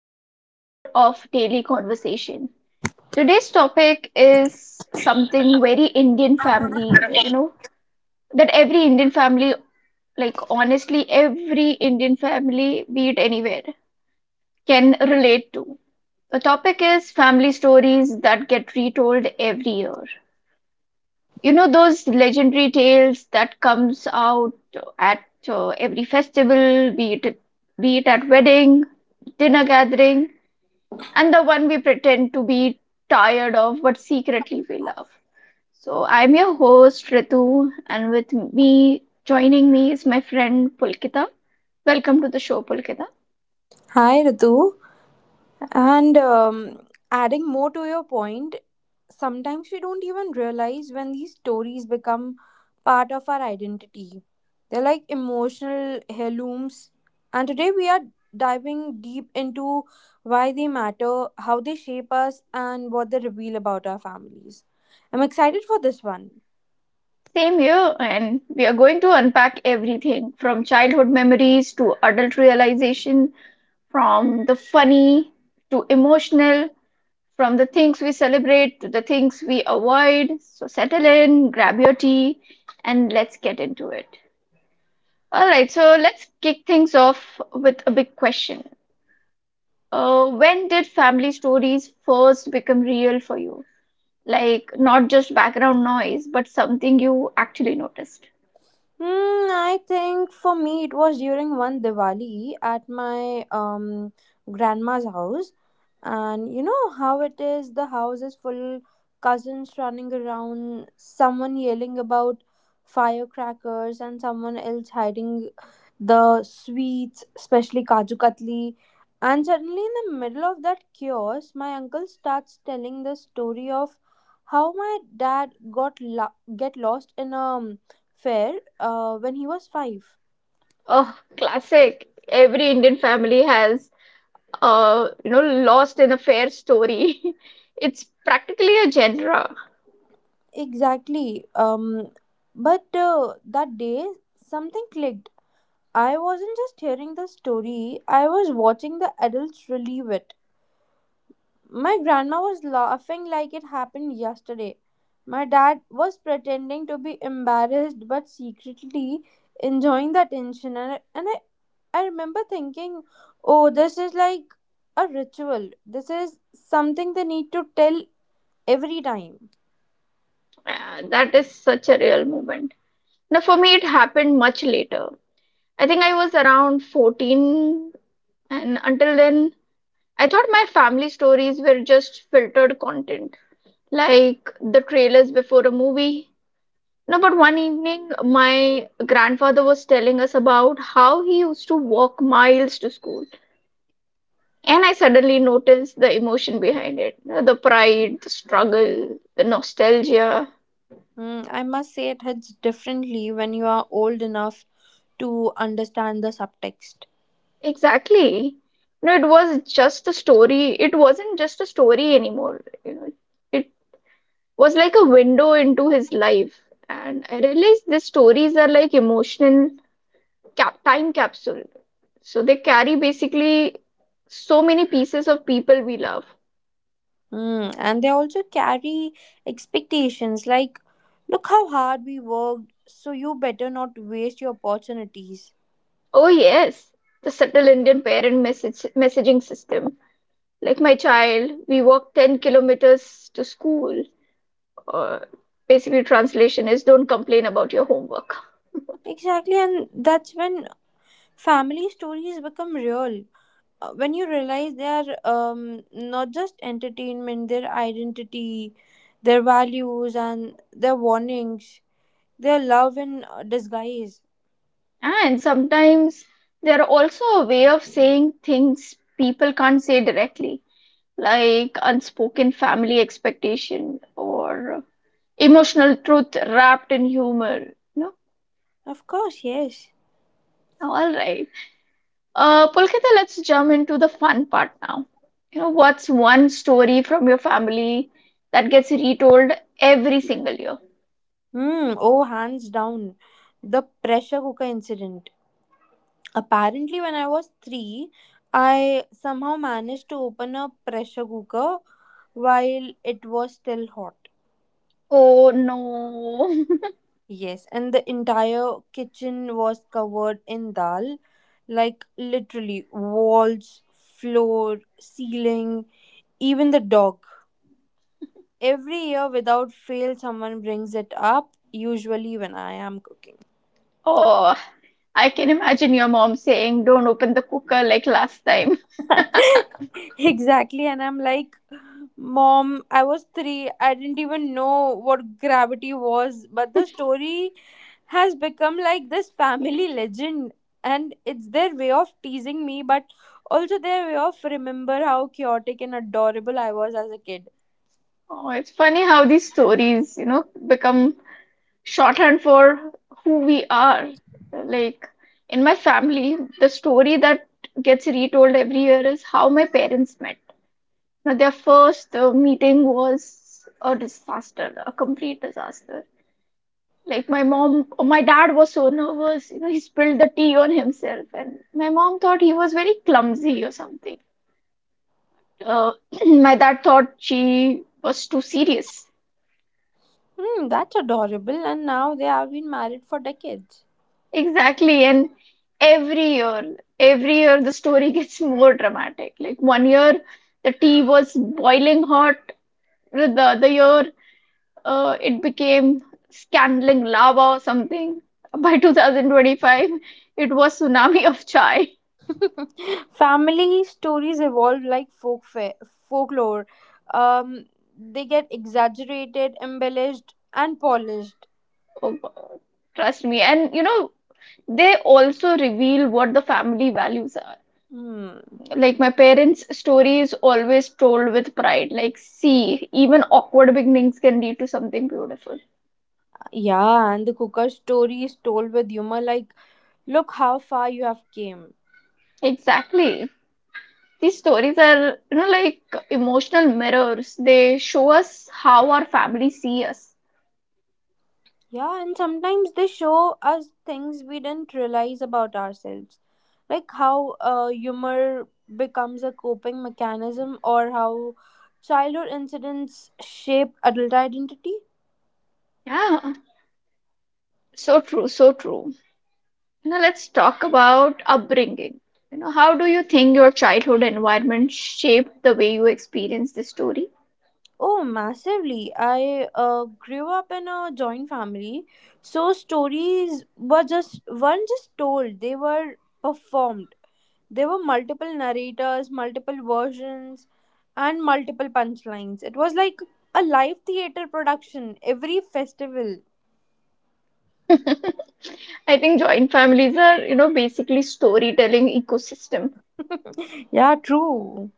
another episode of Daily Conversation. Today's topic is something very Indian family, you know, that every Indian family, like honestly, every Indian family, be it anywhere, can relate to. The topic is family stories that get retold every year. You know, those legendary tales that comes out at every festival, be it at wedding, dinner gathering and the one we pretend to be tired of but secretly we love. So I'm your host Ritu, and with me joining me is my friend Pulkita. Welcome to the show, Pulkita. Hi Ritu, and adding more to your point, sometimes we don't even realize when these stories become part of our identity. They're like emotional heirlooms, and today we are diving deep into why they matter, how they shape us, and what they reveal about our families. I'm excited for this one. Same here, and we are going to unpack everything from childhood memories to adult realization, from the funny to emotional, from the things we celebrate to the things we avoid. So settle in, grab your tea, and let's get into it. All right, so let's kick things off with a big question. When did family stories first become real for you? Like, not just background noise, but something you actually noticed. I think for me it was during one Diwali at my grandma's house. And you know how it is, the house is full, cousins running around, someone yelling about firecrackers and someone else hiding the sweets, especially Kaju Katli. And suddenly in the middle of that chaos, my uncle starts telling the story of how my dad got lo- get lost in a fair when he was five. Oh, classic. Every Indian family has, you know, lost in a fair story. It's practically a genre. Exactly. But that day, something clicked. I wasn't just hearing the story, I was watching the adults relive it. My grandma was laughing like it happened yesterday. My dad was pretending to be embarrassed but secretly enjoying the attention. And I remember thinking, oh, this is like a ritual. This is something they need to tell every time. That is such a real moment. Now, for me, it happened much later. I think I was around 14, and until then, I thought my family stories were just filtered content, like the trailers before a movie. No, but one evening, my grandfather was telling us about how he used to walk miles to school. And I suddenly noticed the emotion behind it, you know, the pride, the struggle, the nostalgia. Mm, I must say it hits differently when you are old enough to understand the subtext. Exactly. No, it was just a story. It wasn't just a story anymore. You know, it was like a window into his life. And I realized the stories are like emotional time capsule. So they carry basically so many pieces of people we love. Mm, and they also carry expectations like, look how hard we worked, so you better not waste your opportunities. Oh, yes, the subtle Indian parent messaging system. Like my child, we walk 10 kilometers to school. Or basically, translation is don't complain about your homework. Exactly, and that's when family stories become real. When you realize they are not just entertainment, their identity, their values, and their warnings, their love in disguise. And sometimes they're also a way of saying things people can't say directly, like unspoken family expectation or emotional truth wrapped in humor. No, Of course, yes. all right. Pulkita, let's jump into the fun part now. You know, what's one story from your family that gets retold every single year? Mm, oh, hands down. The pressure cooker incident. Apparently, when I was three, I somehow managed to open a pressure cooker while it was still hot. Oh no. Yes, and the entire kitchen was covered in dal. Like, literally, walls, floor, ceiling, even the dog. Every year, without fail, someone brings it up, usually when I am cooking. Oh, I can imagine your mom saying, "Don't open the cooker like last time." Exactly. And I'm like, Mom, I was three. I didn't even know what gravity was. But the story has become like this family legend. And it's their way of teasing me, but also their way of remember how chaotic and adorable I was as a kid. Oh, it's funny how these stories, you know, become shorthand for who we are. Like in my family, the story that gets retold every year is how my parents met. Now, their first meeting was a disaster, a complete disaster. Like my mom, my dad was so nervous, you know, he spilled the tea on himself, and my mom thought he was very clumsy or something. Uh, my dad thought she was too serious. Hmm, that's adorable. And now they have been married for decades. Exactly. And every year the story gets more dramatic. Like one year the tea was boiling hot, the other year it became scalding lava or something. By 2025, it was tsunami of chai. Family stories evolve like folklore. Um, they get exaggerated, embellished, and polished. Oh God, trust me. And you know, they also reveal what the family values are. Hmm. Like my parents' story is always told with pride. Like, see, even awkward beginnings can lead to something beautiful. Yeah, and the cooker story is told with humor like, look how far you have came. Exactly. These stories are, you know, like emotional mirrors. They show us how our family see us. Yeah, and sometimes they show us things we didn't realize about ourselves. Like how humor becomes a coping mechanism or how childhood incidents shape adult identity. Yeah, so true, so true. Now let's talk about upbringing. You know, how do you think your childhood environment shaped the way you experience this story? Oh, massively. I grew up in a joint family, so stories were just weren't just told, they were performed. There were multiple narrators, multiple versions, and multiple punchlines. It was like a live theater production every festival. I think joint families are, you know, basically storytelling ecosystem. Yeah, true.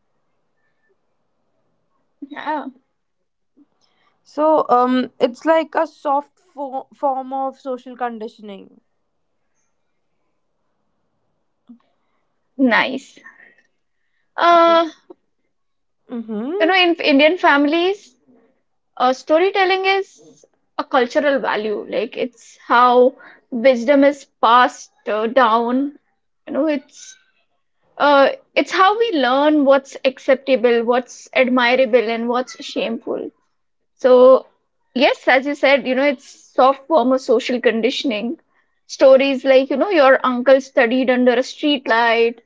Yeah, So, it's like a form of social conditioning. nice. Uh, you Mm-hmm. know, in Indian families, storytelling is a cultural value. Like it's how wisdom is passed down. You know, it's how we learn what's acceptable, what's admirable, and what's shameful. So yes, as you said, you know, it's soft form of social conditioning. Stories like, you know, your uncle studied under a street light,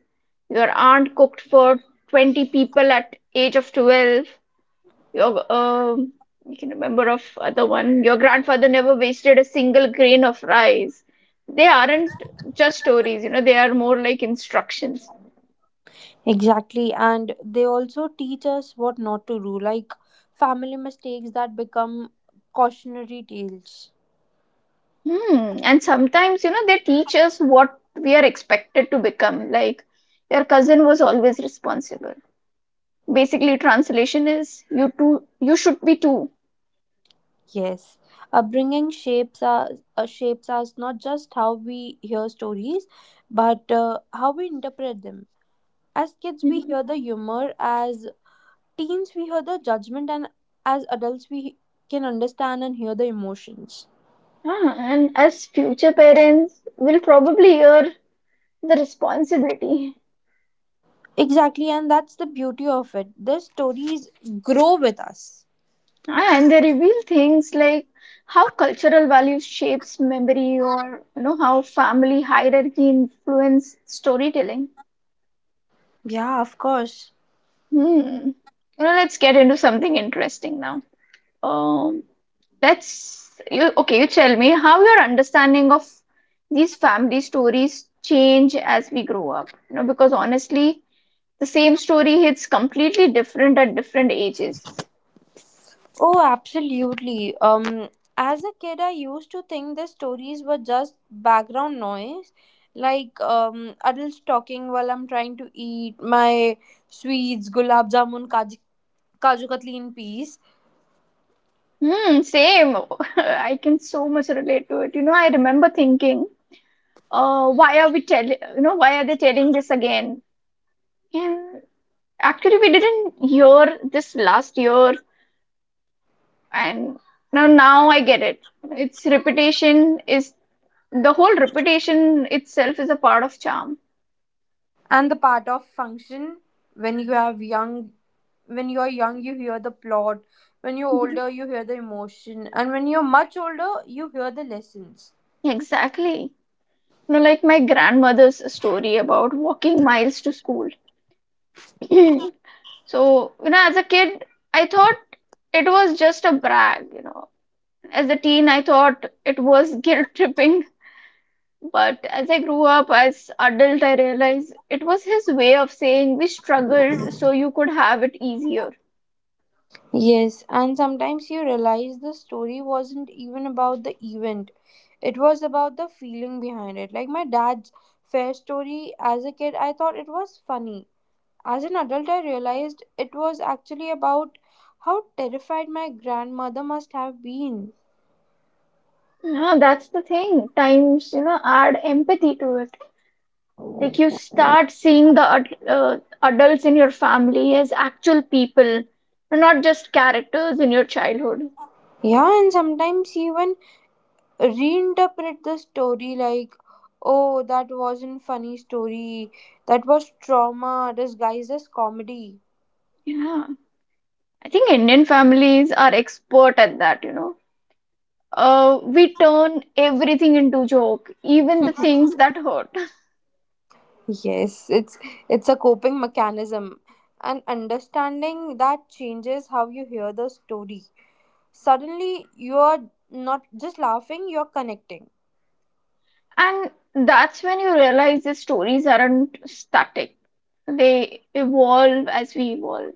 your aunt cooked for 20 people at age of 12, your you can remember of other one. Your grandfather never wasted a single grain of rice. They aren't just stories, you know. They are more like instructions. Exactly, and they also teach us what not to do, like family mistakes that become cautionary tales. Hmm. And sometimes, you know, they teach us what we are expected to become. Like your cousin was always responsible. Basically, translation is you too. You should be too. Yes, shapes us not just how we hear stories, but how we interpret them. As kids, we Mhm. hear the humor; as teens, we hear the judgment; and as adults, we can understand and hear the emotions. Ah, and as future parents, we'll probably hear the responsibility. Exactly, and that's the beauty of it. The stories grow with us. And they reveal things like how cultural values shapes memory, or you know how family hierarchy influence storytelling. Yeah, of course. Hmm, you know, let's get into something interesting now. um let's you okay you tell me how your understanding of these family stories change as we grow up. You know, because honestly the same story hits completely different at different ages. Oh, absolutely. As a kid, I used to think the stories were just background noise, like adults talking while I'm trying to eat my sweets, gulab jamun, kaju katli in peace. Hmm, same. I can so much relate to it. You know, I remember thinking, why are we tell you know, why are they telling this again? And actually we didn't hear this last year. And now I get it. Its reputation is The whole reputation itself is a part of charm. And the part of function when you have young, when you are young, you hear the plot. When you're Mhm. older, you hear the emotion, and when you're much older, you hear the lessons. Exactly. You know, like my grandmother's story about walking miles to school. So, you know, as a kid I thought it was just a brag, you know. As a teen I thought it was guilt tripping. But as I grew up as adult, I realized it was his way of saying we struggled so you could have it easier. Yes, and sometimes you realize the story wasn't even about the event. It was about the feeling behind it. Like my dad's fair story, as a kid, I thought it was funny. As an adult, I realized it was actually about how terrified my grandmother must have been. Yeah, that's the thing. Times, you know, add empathy to it. Like you start seeing the adults in your family as actual people, not just characters in your childhood. Yeah, and sometimes she even reinterpret the story like, oh, that wasn't funny story. That was trauma disguised as comedy. Yeah, I think Indian families are expert at that, you know. We turn everything into joke, even the things that hurt. Yes, it's a coping mechanism and understanding that changes how you hear the story. Suddenly you're not just laughing, you're connecting. And that's when you realize the stories aren't static. They evolve as we evolve.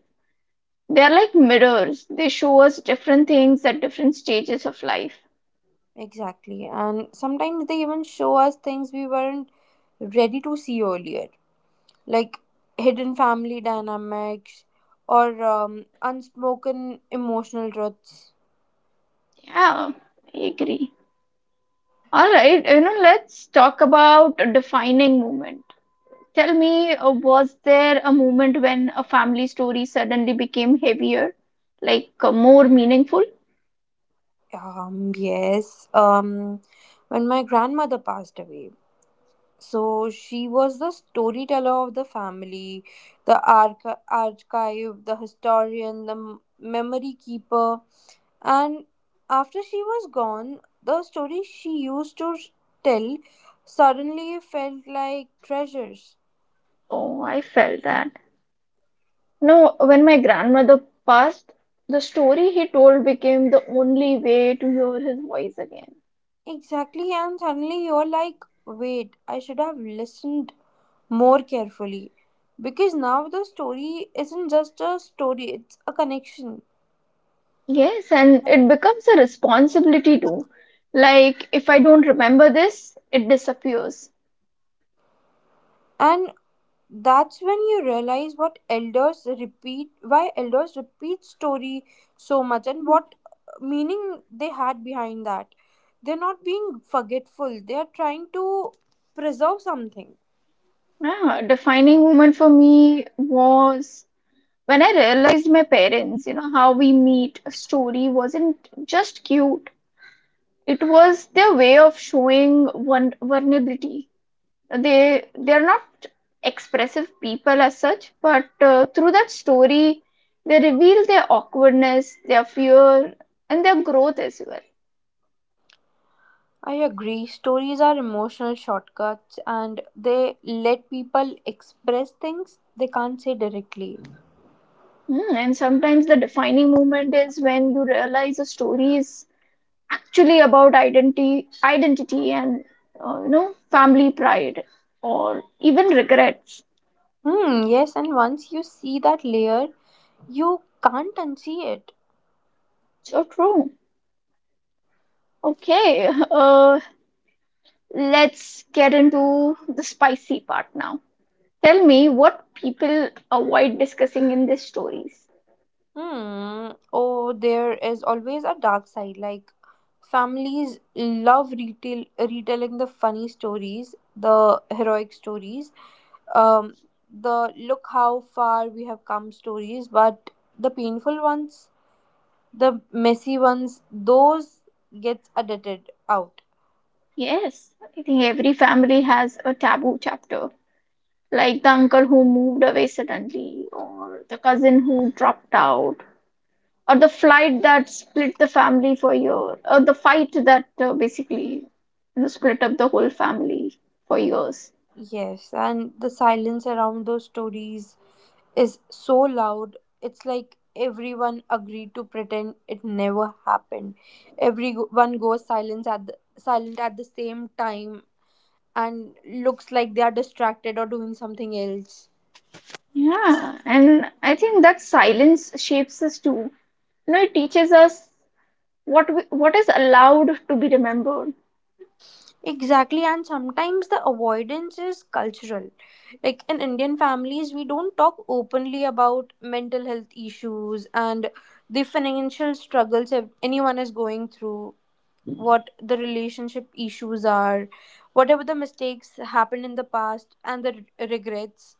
They're like mirrors. They show us different things at different stages of life. Exactly. And sometimes they even show us things we weren't ready to see earlier, like hidden family dynamics or unspoken emotional truths. Yeah, I agree. All right, you know, let's talk about a defining moment. Tell me, was there a moment when a family story suddenly became heavier, like more meaningful? Yes. When my grandmother passed away, so she was the storyteller of the family, the archive, the historian, the memory keeper. And after she was gone, the stories she used to tell suddenly felt like treasures. Oh, I felt that. No, when my grandmother passed, the story he told became the only way to hear his voice again. Exactly, and suddenly you're like, wait, I should have listened more carefully. Because now the story isn't just a story, it's a connection. Yes, and it becomes a responsibility too. Like, if I don't remember this, it disappears. And that's when you realize why elders repeat story so much, and what meaning they had behind that. They're not being forgetful. They are trying to preserve something. Ah, defining moment for me was when I realized my parents, you know, how we meet a story wasn't just cute. It was their way of showing one vulnerability. They're not expressive people as such, but through that story they reveal their awkwardness, their fear, and their growth as well. I agree. Stories are emotional shortcuts, and they let people express things they can't say directly. Mm, and sometimes the defining moment is when you realize a story is actually about identity and you know, family pride or even regrets. Hmm. Yes, and once you see that layer, you can't unsee it. So true. Okay. Let's get into the spicy part now. Tell me what people avoid discussing in these stories. Hmm. Oh, there is always a dark side. Like families love retail retelling the funny stories, the heroic stories, um, the look how far we have come stories. But the painful ones, the messy ones, those gets edited out. Yes, I think every family has a taboo chapter, like the uncle who moved away suddenly, or the cousin who dropped out, or the flight that split the family for a year, or the fight that basically, you know, split up the whole family for years. Yes, and the silence around those stories is so loud. It's like everyone agreed to pretend it never happened. Everyone goes silent at the same time and looks like they are distracted or doing something else. Yeah, and I think that silence shapes us too. You know, it teaches us what is allowed to be remembered. Exactly, and sometimes the avoidance is cultural. Like in Indian families, we don't talk openly about mental health issues and the financial struggles anyone is going through, what the relationship issues are, whatever the mistakes happened in the past, and the regrets.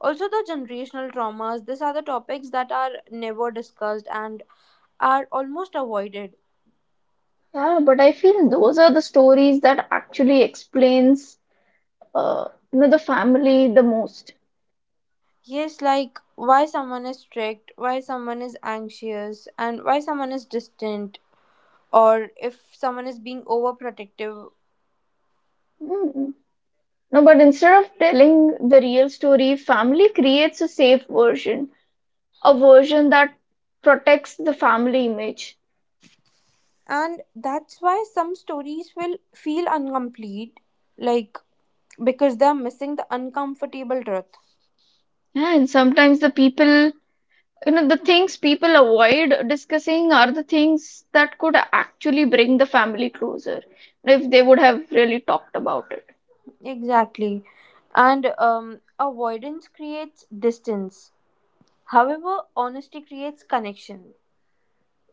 Also, the generational traumas. These are the topics that are never discussed and are almost avoided. Yeah, but I feel those are the stories that actually explains uh, you know, the family the most. Yes, like why someone is strict, why someone is anxious, and why someone is distant, or if someone is being overprotective. Mm. No, but instead of telling the real story, family creates a safe version, a version that protects the family image. And that's why some stories will feel incomplete, like because they're missing the uncomfortable truth. Yeah, and sometimes you know, the things people avoid discussing are the things that could actually bring the family closer if they would have really talked about it. Exactly. And Avoidance creates distance. However, honesty creates connection.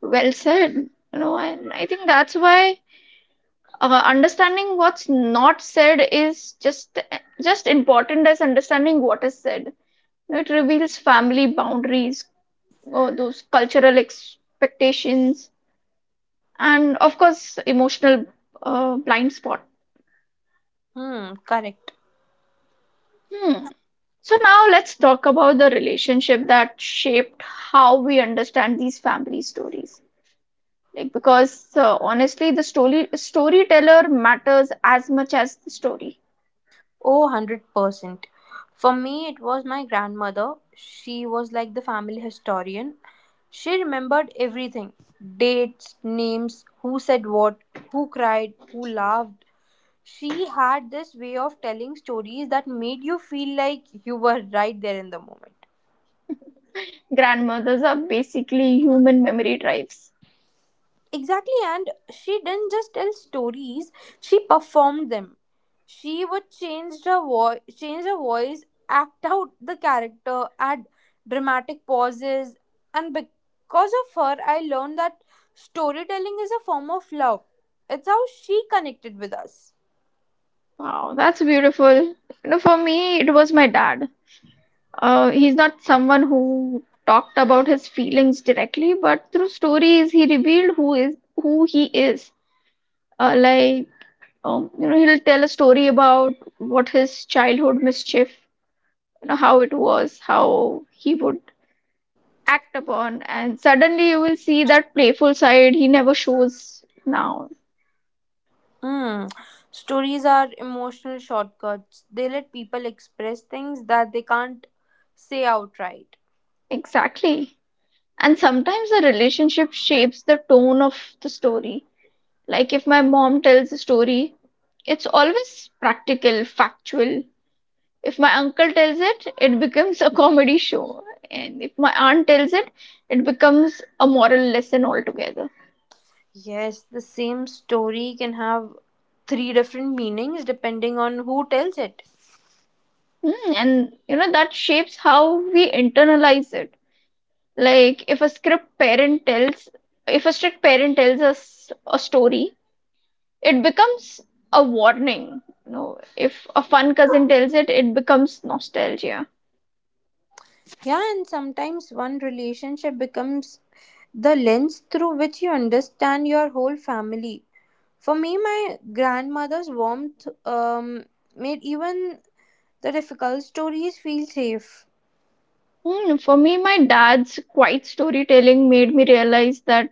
Well said. You know, and I think that's why understanding what's not said is just important as understanding what is said. It reveals family boundaries, those cultural expectations, and of course emotional blind spot. Hmm, correct. Hmm. So now let's talk about the relationship that shaped how we understand these family stories. Like because honestly, the storyteller matters as much as the story. Oh, 100%. For me, it was my grandmother. She was like the family historian. She remembered everything: dates, names, who said what, who cried, who laughed. She had this way of telling stories that made you feel like you were right there in the moment. Grandmothers are basically human memory drives. Exactly, and she didn't just tell stories; she performed them. She would change her voice, act out the character, add dramatic pauses, and because of her, I learned that storytelling is a form of love. It's how she connected with us. Wow, that's beautiful. You know, for me, it was my dad. He's not someone who talked about his feelings directly, but through stories, he revealed who he is. Uh, like, you know, he'll tell a story about what his childhood mischief, you know, how it was, how he would act upon, and suddenly you will see that playful side he never shows now. Hmm. Stories are emotional shortcuts. They let people express things that they can't say outright. Exactly. And sometimes the relationship shapes the tone of the story. Like if my mom tells a story, it's always practical, factual. If my uncle tells it, it becomes a comedy show. And if my aunt tells it, it becomes a moral lesson altogether. Yes, the same story can have three different meanings depending on who tells it. Hmm, and you know, that shapes how we internalize it. Like if a script parent tells, if a strict parent tells us a story, it becomes a warning. You know, if a fun cousin tells it, it becomes nostalgia. Yeah, and sometimes one relationship becomes the lens through which you understand your whole family. For me, my grandmother's warmth made even the difficult stories feel safe. Hmm, for me, my dad's quiet storytelling made me realize that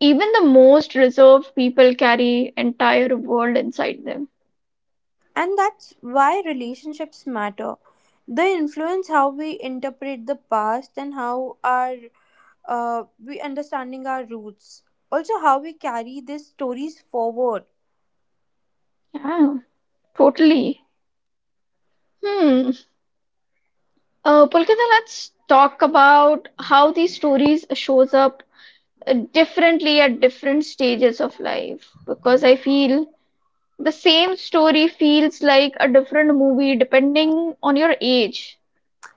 even the most reserved people carry entire world inside them. And that's why relationships matter. They influence how we interpret the past and how our we understanding our roots. Also, how we carry these stories forward. Yeah, totally. Hmm. Pulkita, let's talk about how these stories shows up differently at different stages of life because I feel the same story feels like a different movie depending on your age.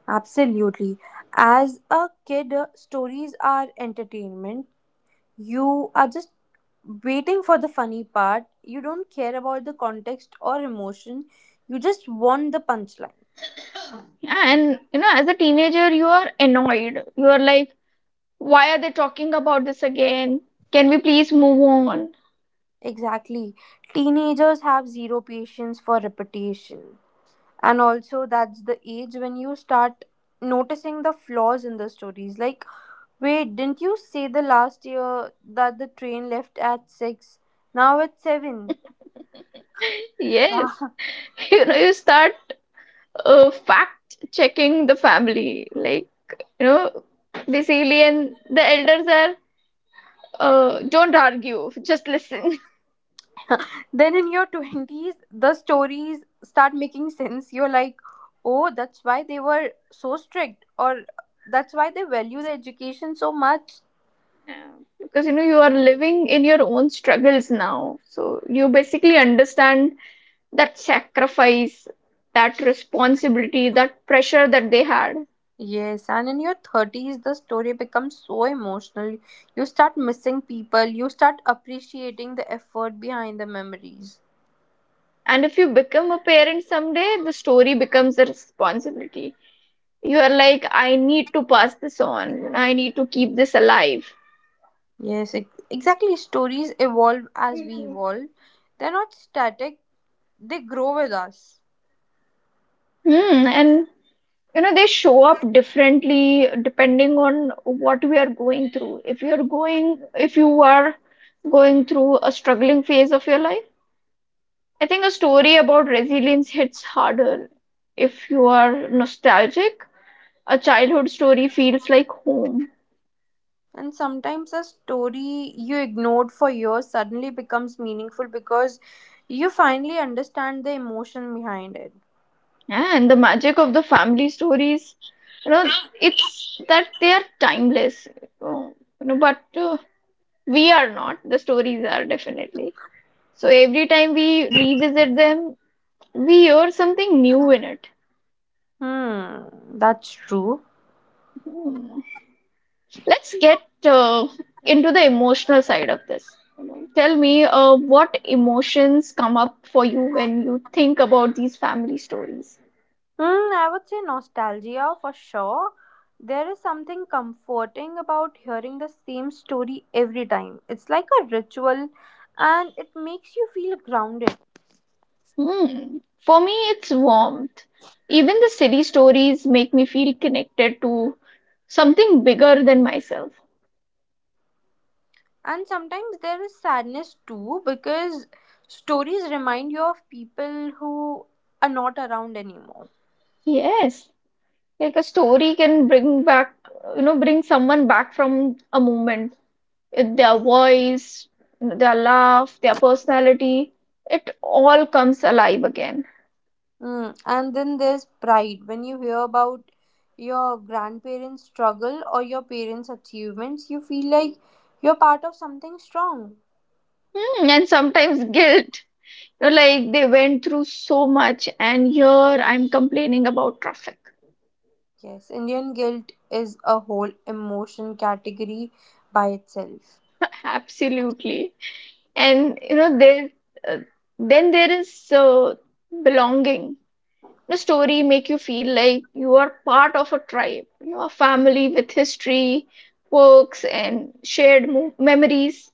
Absolutely. As a kid, stories are entertainment. You are just waiting for the funny part. You don't care about the context or emotion. You just want the punchline. And you know, as a teenager, you are annoyed. You are like, why are they talking about this again? Can we please move on? Exactly. Teenagers have zero patience for repetition. And also that's the age when you start noticing the flaws in the stories, like, wait, didn't you say the last year that the train left at 6, now it's 7? Yes. You know, you start fact checking the family. Like, you know, basically, and the elders are, don't argue, just listen. Then in your 20s the stories start making sense. You're like, oh, that's why they were so strict, or that's why they value the education so much. Yeah, because you know you are living in your own struggles now, so you basically understand that sacrifice, that responsibility, that pressure that they had. Yes, and in your 30s, the story becomes so emotional. You start missing people, you start appreciating the effort behind the memories. And if you become a parent someday, the story becomes a responsibility. You are like, I need to pass this on. I need to keep this alive. Yes, exactly. Stories evolve as we evolve, they're not static, they grow with us. Hmm. And you know, they show up differently depending on what we are going through. If you are going through a struggling phase of your life, I think a story about resilience hits harder. If you are nostalgic, a childhood story feels like home. And sometimes a story you ignored for years suddenly becomes meaningful because you finally understand the emotion behind it. Yeah, and the magic of the family stories, you know, it's that they are timeless. Uh, You know, but We are not. The stories are definitely. So every time we revisit them, we hear something new in it. Hmm, that's true. Hmm. Let's get into the emotional side of this. Tell me, what emotions come up for you when you think about these family stories? Hmm, I would say nostalgia for sure. There is something comforting about hearing the same story every time. It's like a ritual and it makes you feel grounded. Hmm. For me, it's warmth. Even the silly stories make me feel connected to something bigger than myself. And sometimes there is sadness too because stories remind you of people who are not around anymore. Yes, like a story can bring back, you know, bring someone back from a moment. Their voice, their laugh, their personality, it all comes alive again. Mm, and then there's pride when you hear about your grandparents' struggle or your parents' achievements, you feel like you're part of something strong. Hmm, and sometimes guilt. You know, like they went through so much, and here I'm complaining about traffic. Yes, Indian guilt is a whole emotion category by itself. Absolutely. And you know there uh, then there is uh, belonging. The story make you feel like you are part of a tribe, you know, a family with history, quirks and shared memories.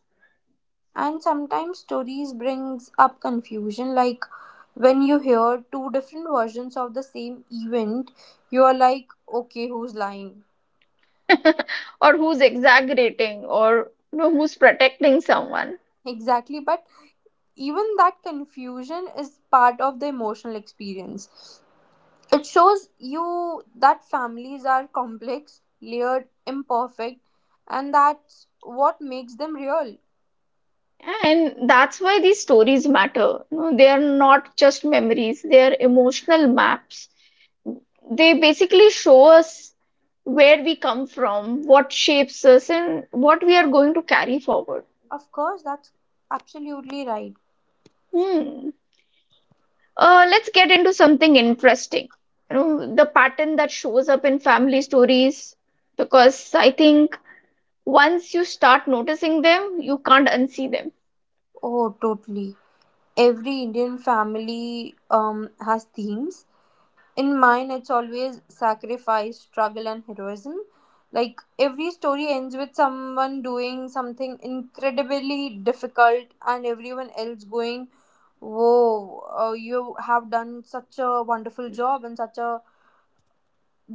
And sometimes stories brings up confusion like when you hear two different versions of the same event, you are like, okay, who's lying? Or who's exaggerating, or you know, who's protecting someone. Exactly, but even that confusion is part of the emotional experience. It shows you that families are complex, layered, imperfect, and that's what makes them real. And that's why these stories matter. You know, they are not just memories, they are emotional maps. They basically show us where we come from, what shapes us, and what we are going to carry forward. Of course, that's absolutely right. Hmm. Let's get into something interesting. You know, the pattern that shows up in family stories, because I think once you start noticing them, you can't unsee them. Oh, totally. Every Indian family has themes. In mine, it's always sacrifice, struggle, and heroism. Like every story ends with someone doing something incredibly difficult, and everyone else going, whoa, you have done such a wonderful job and such a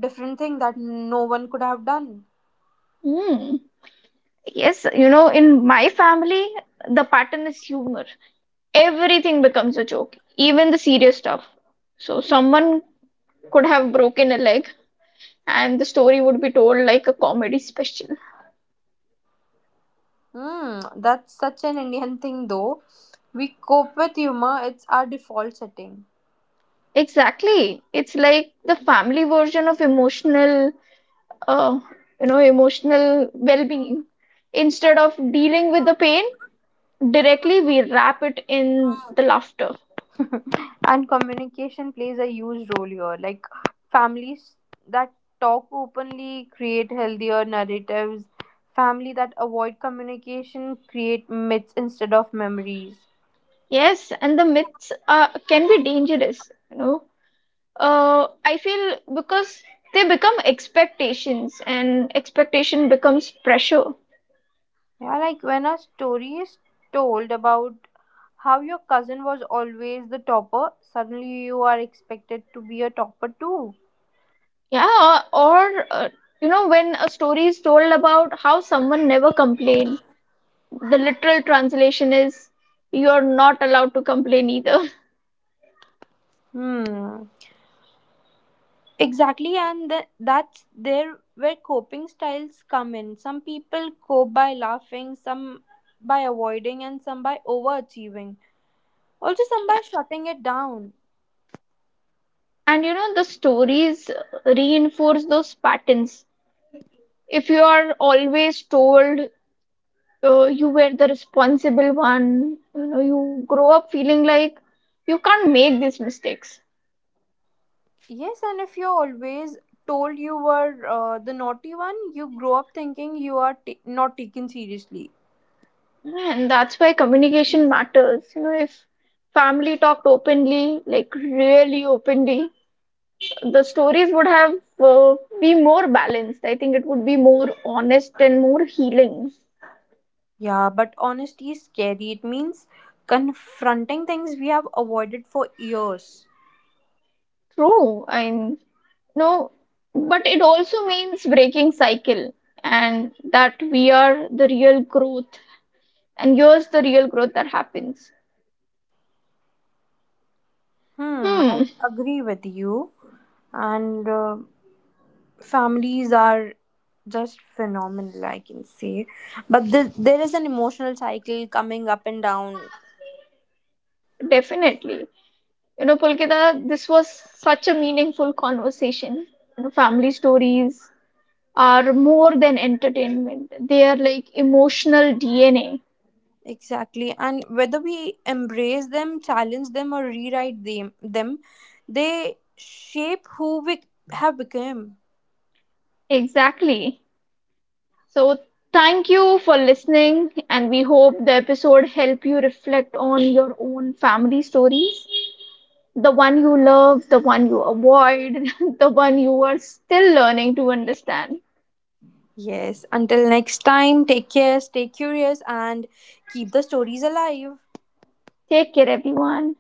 different thing that no one could have done. Hmm. Yes, you know, in my family, the pattern is humor. Everything becomes a joke, even the serious stuff. So someone could have broken a leg, and the story would be told like a comedy special. Mm, that's such an Indian thing, though. We cope with humor, it's our default setting. Exactly. It's like the family version of emotional, uh, you know, emotional well-being. Instead of dealing with the pain directly, we wrap it in the laughter. And communication plays a huge role here. Like, families that talk openly create healthier narratives; family that avoid communication create myths instead of memories. Yes, and the myths can be dangerous, you know. I feel because they become expectations, and expectation becomes pressure. Yeah, like when a story is told about how your cousin was always the topper, suddenly you are expected to be a topper too. Yeah, or you know, when a story is told about how someone never complained, the literal translation is you're not allowed to complain either. Hmm. Exactly, and that's there where coping styles come in. Some people cope by laughing, some by avoiding, and some by overachieving. Also, some Yeah. by shutting it down. And you know, the stories reinforce those patterns. If you are always told you were the responsible one, you know, you grow up feeling like you can't make these mistakes. Yes, and if you're always told you were the naughty one, you grow up thinking you are not taken seriously. And that's why communication matters. You know, if family talked openly, like really openly, the stories would have be more balanced. I think it would be more honest and more healing. Yeah, but honesty is scary. It means confronting things we have avoided for years. True, I mean, no, but it also means breaking cycle, and that we are the real growth, and here's the real growth that happens. Hmm, Hmm, I agree with you. And Families are just phenomenal, I can say. But the, there is an emotional cycle coming up and down. definitely. You know, Pulkita, this was such a meaningful conversation. You know, family stories are more than entertainment. They are like emotional DNA. Exactly. And whether we embrace them, challenge them, or rewrite them, they shape who we have become. Exactly. So thank you for listening, and we hope the episode help you reflect on your own family stories, the one you love, the one you avoid, the one you are still learning to understand. Yes, until next time, take care, stay curious, and keep the stories alive. Take care everyone.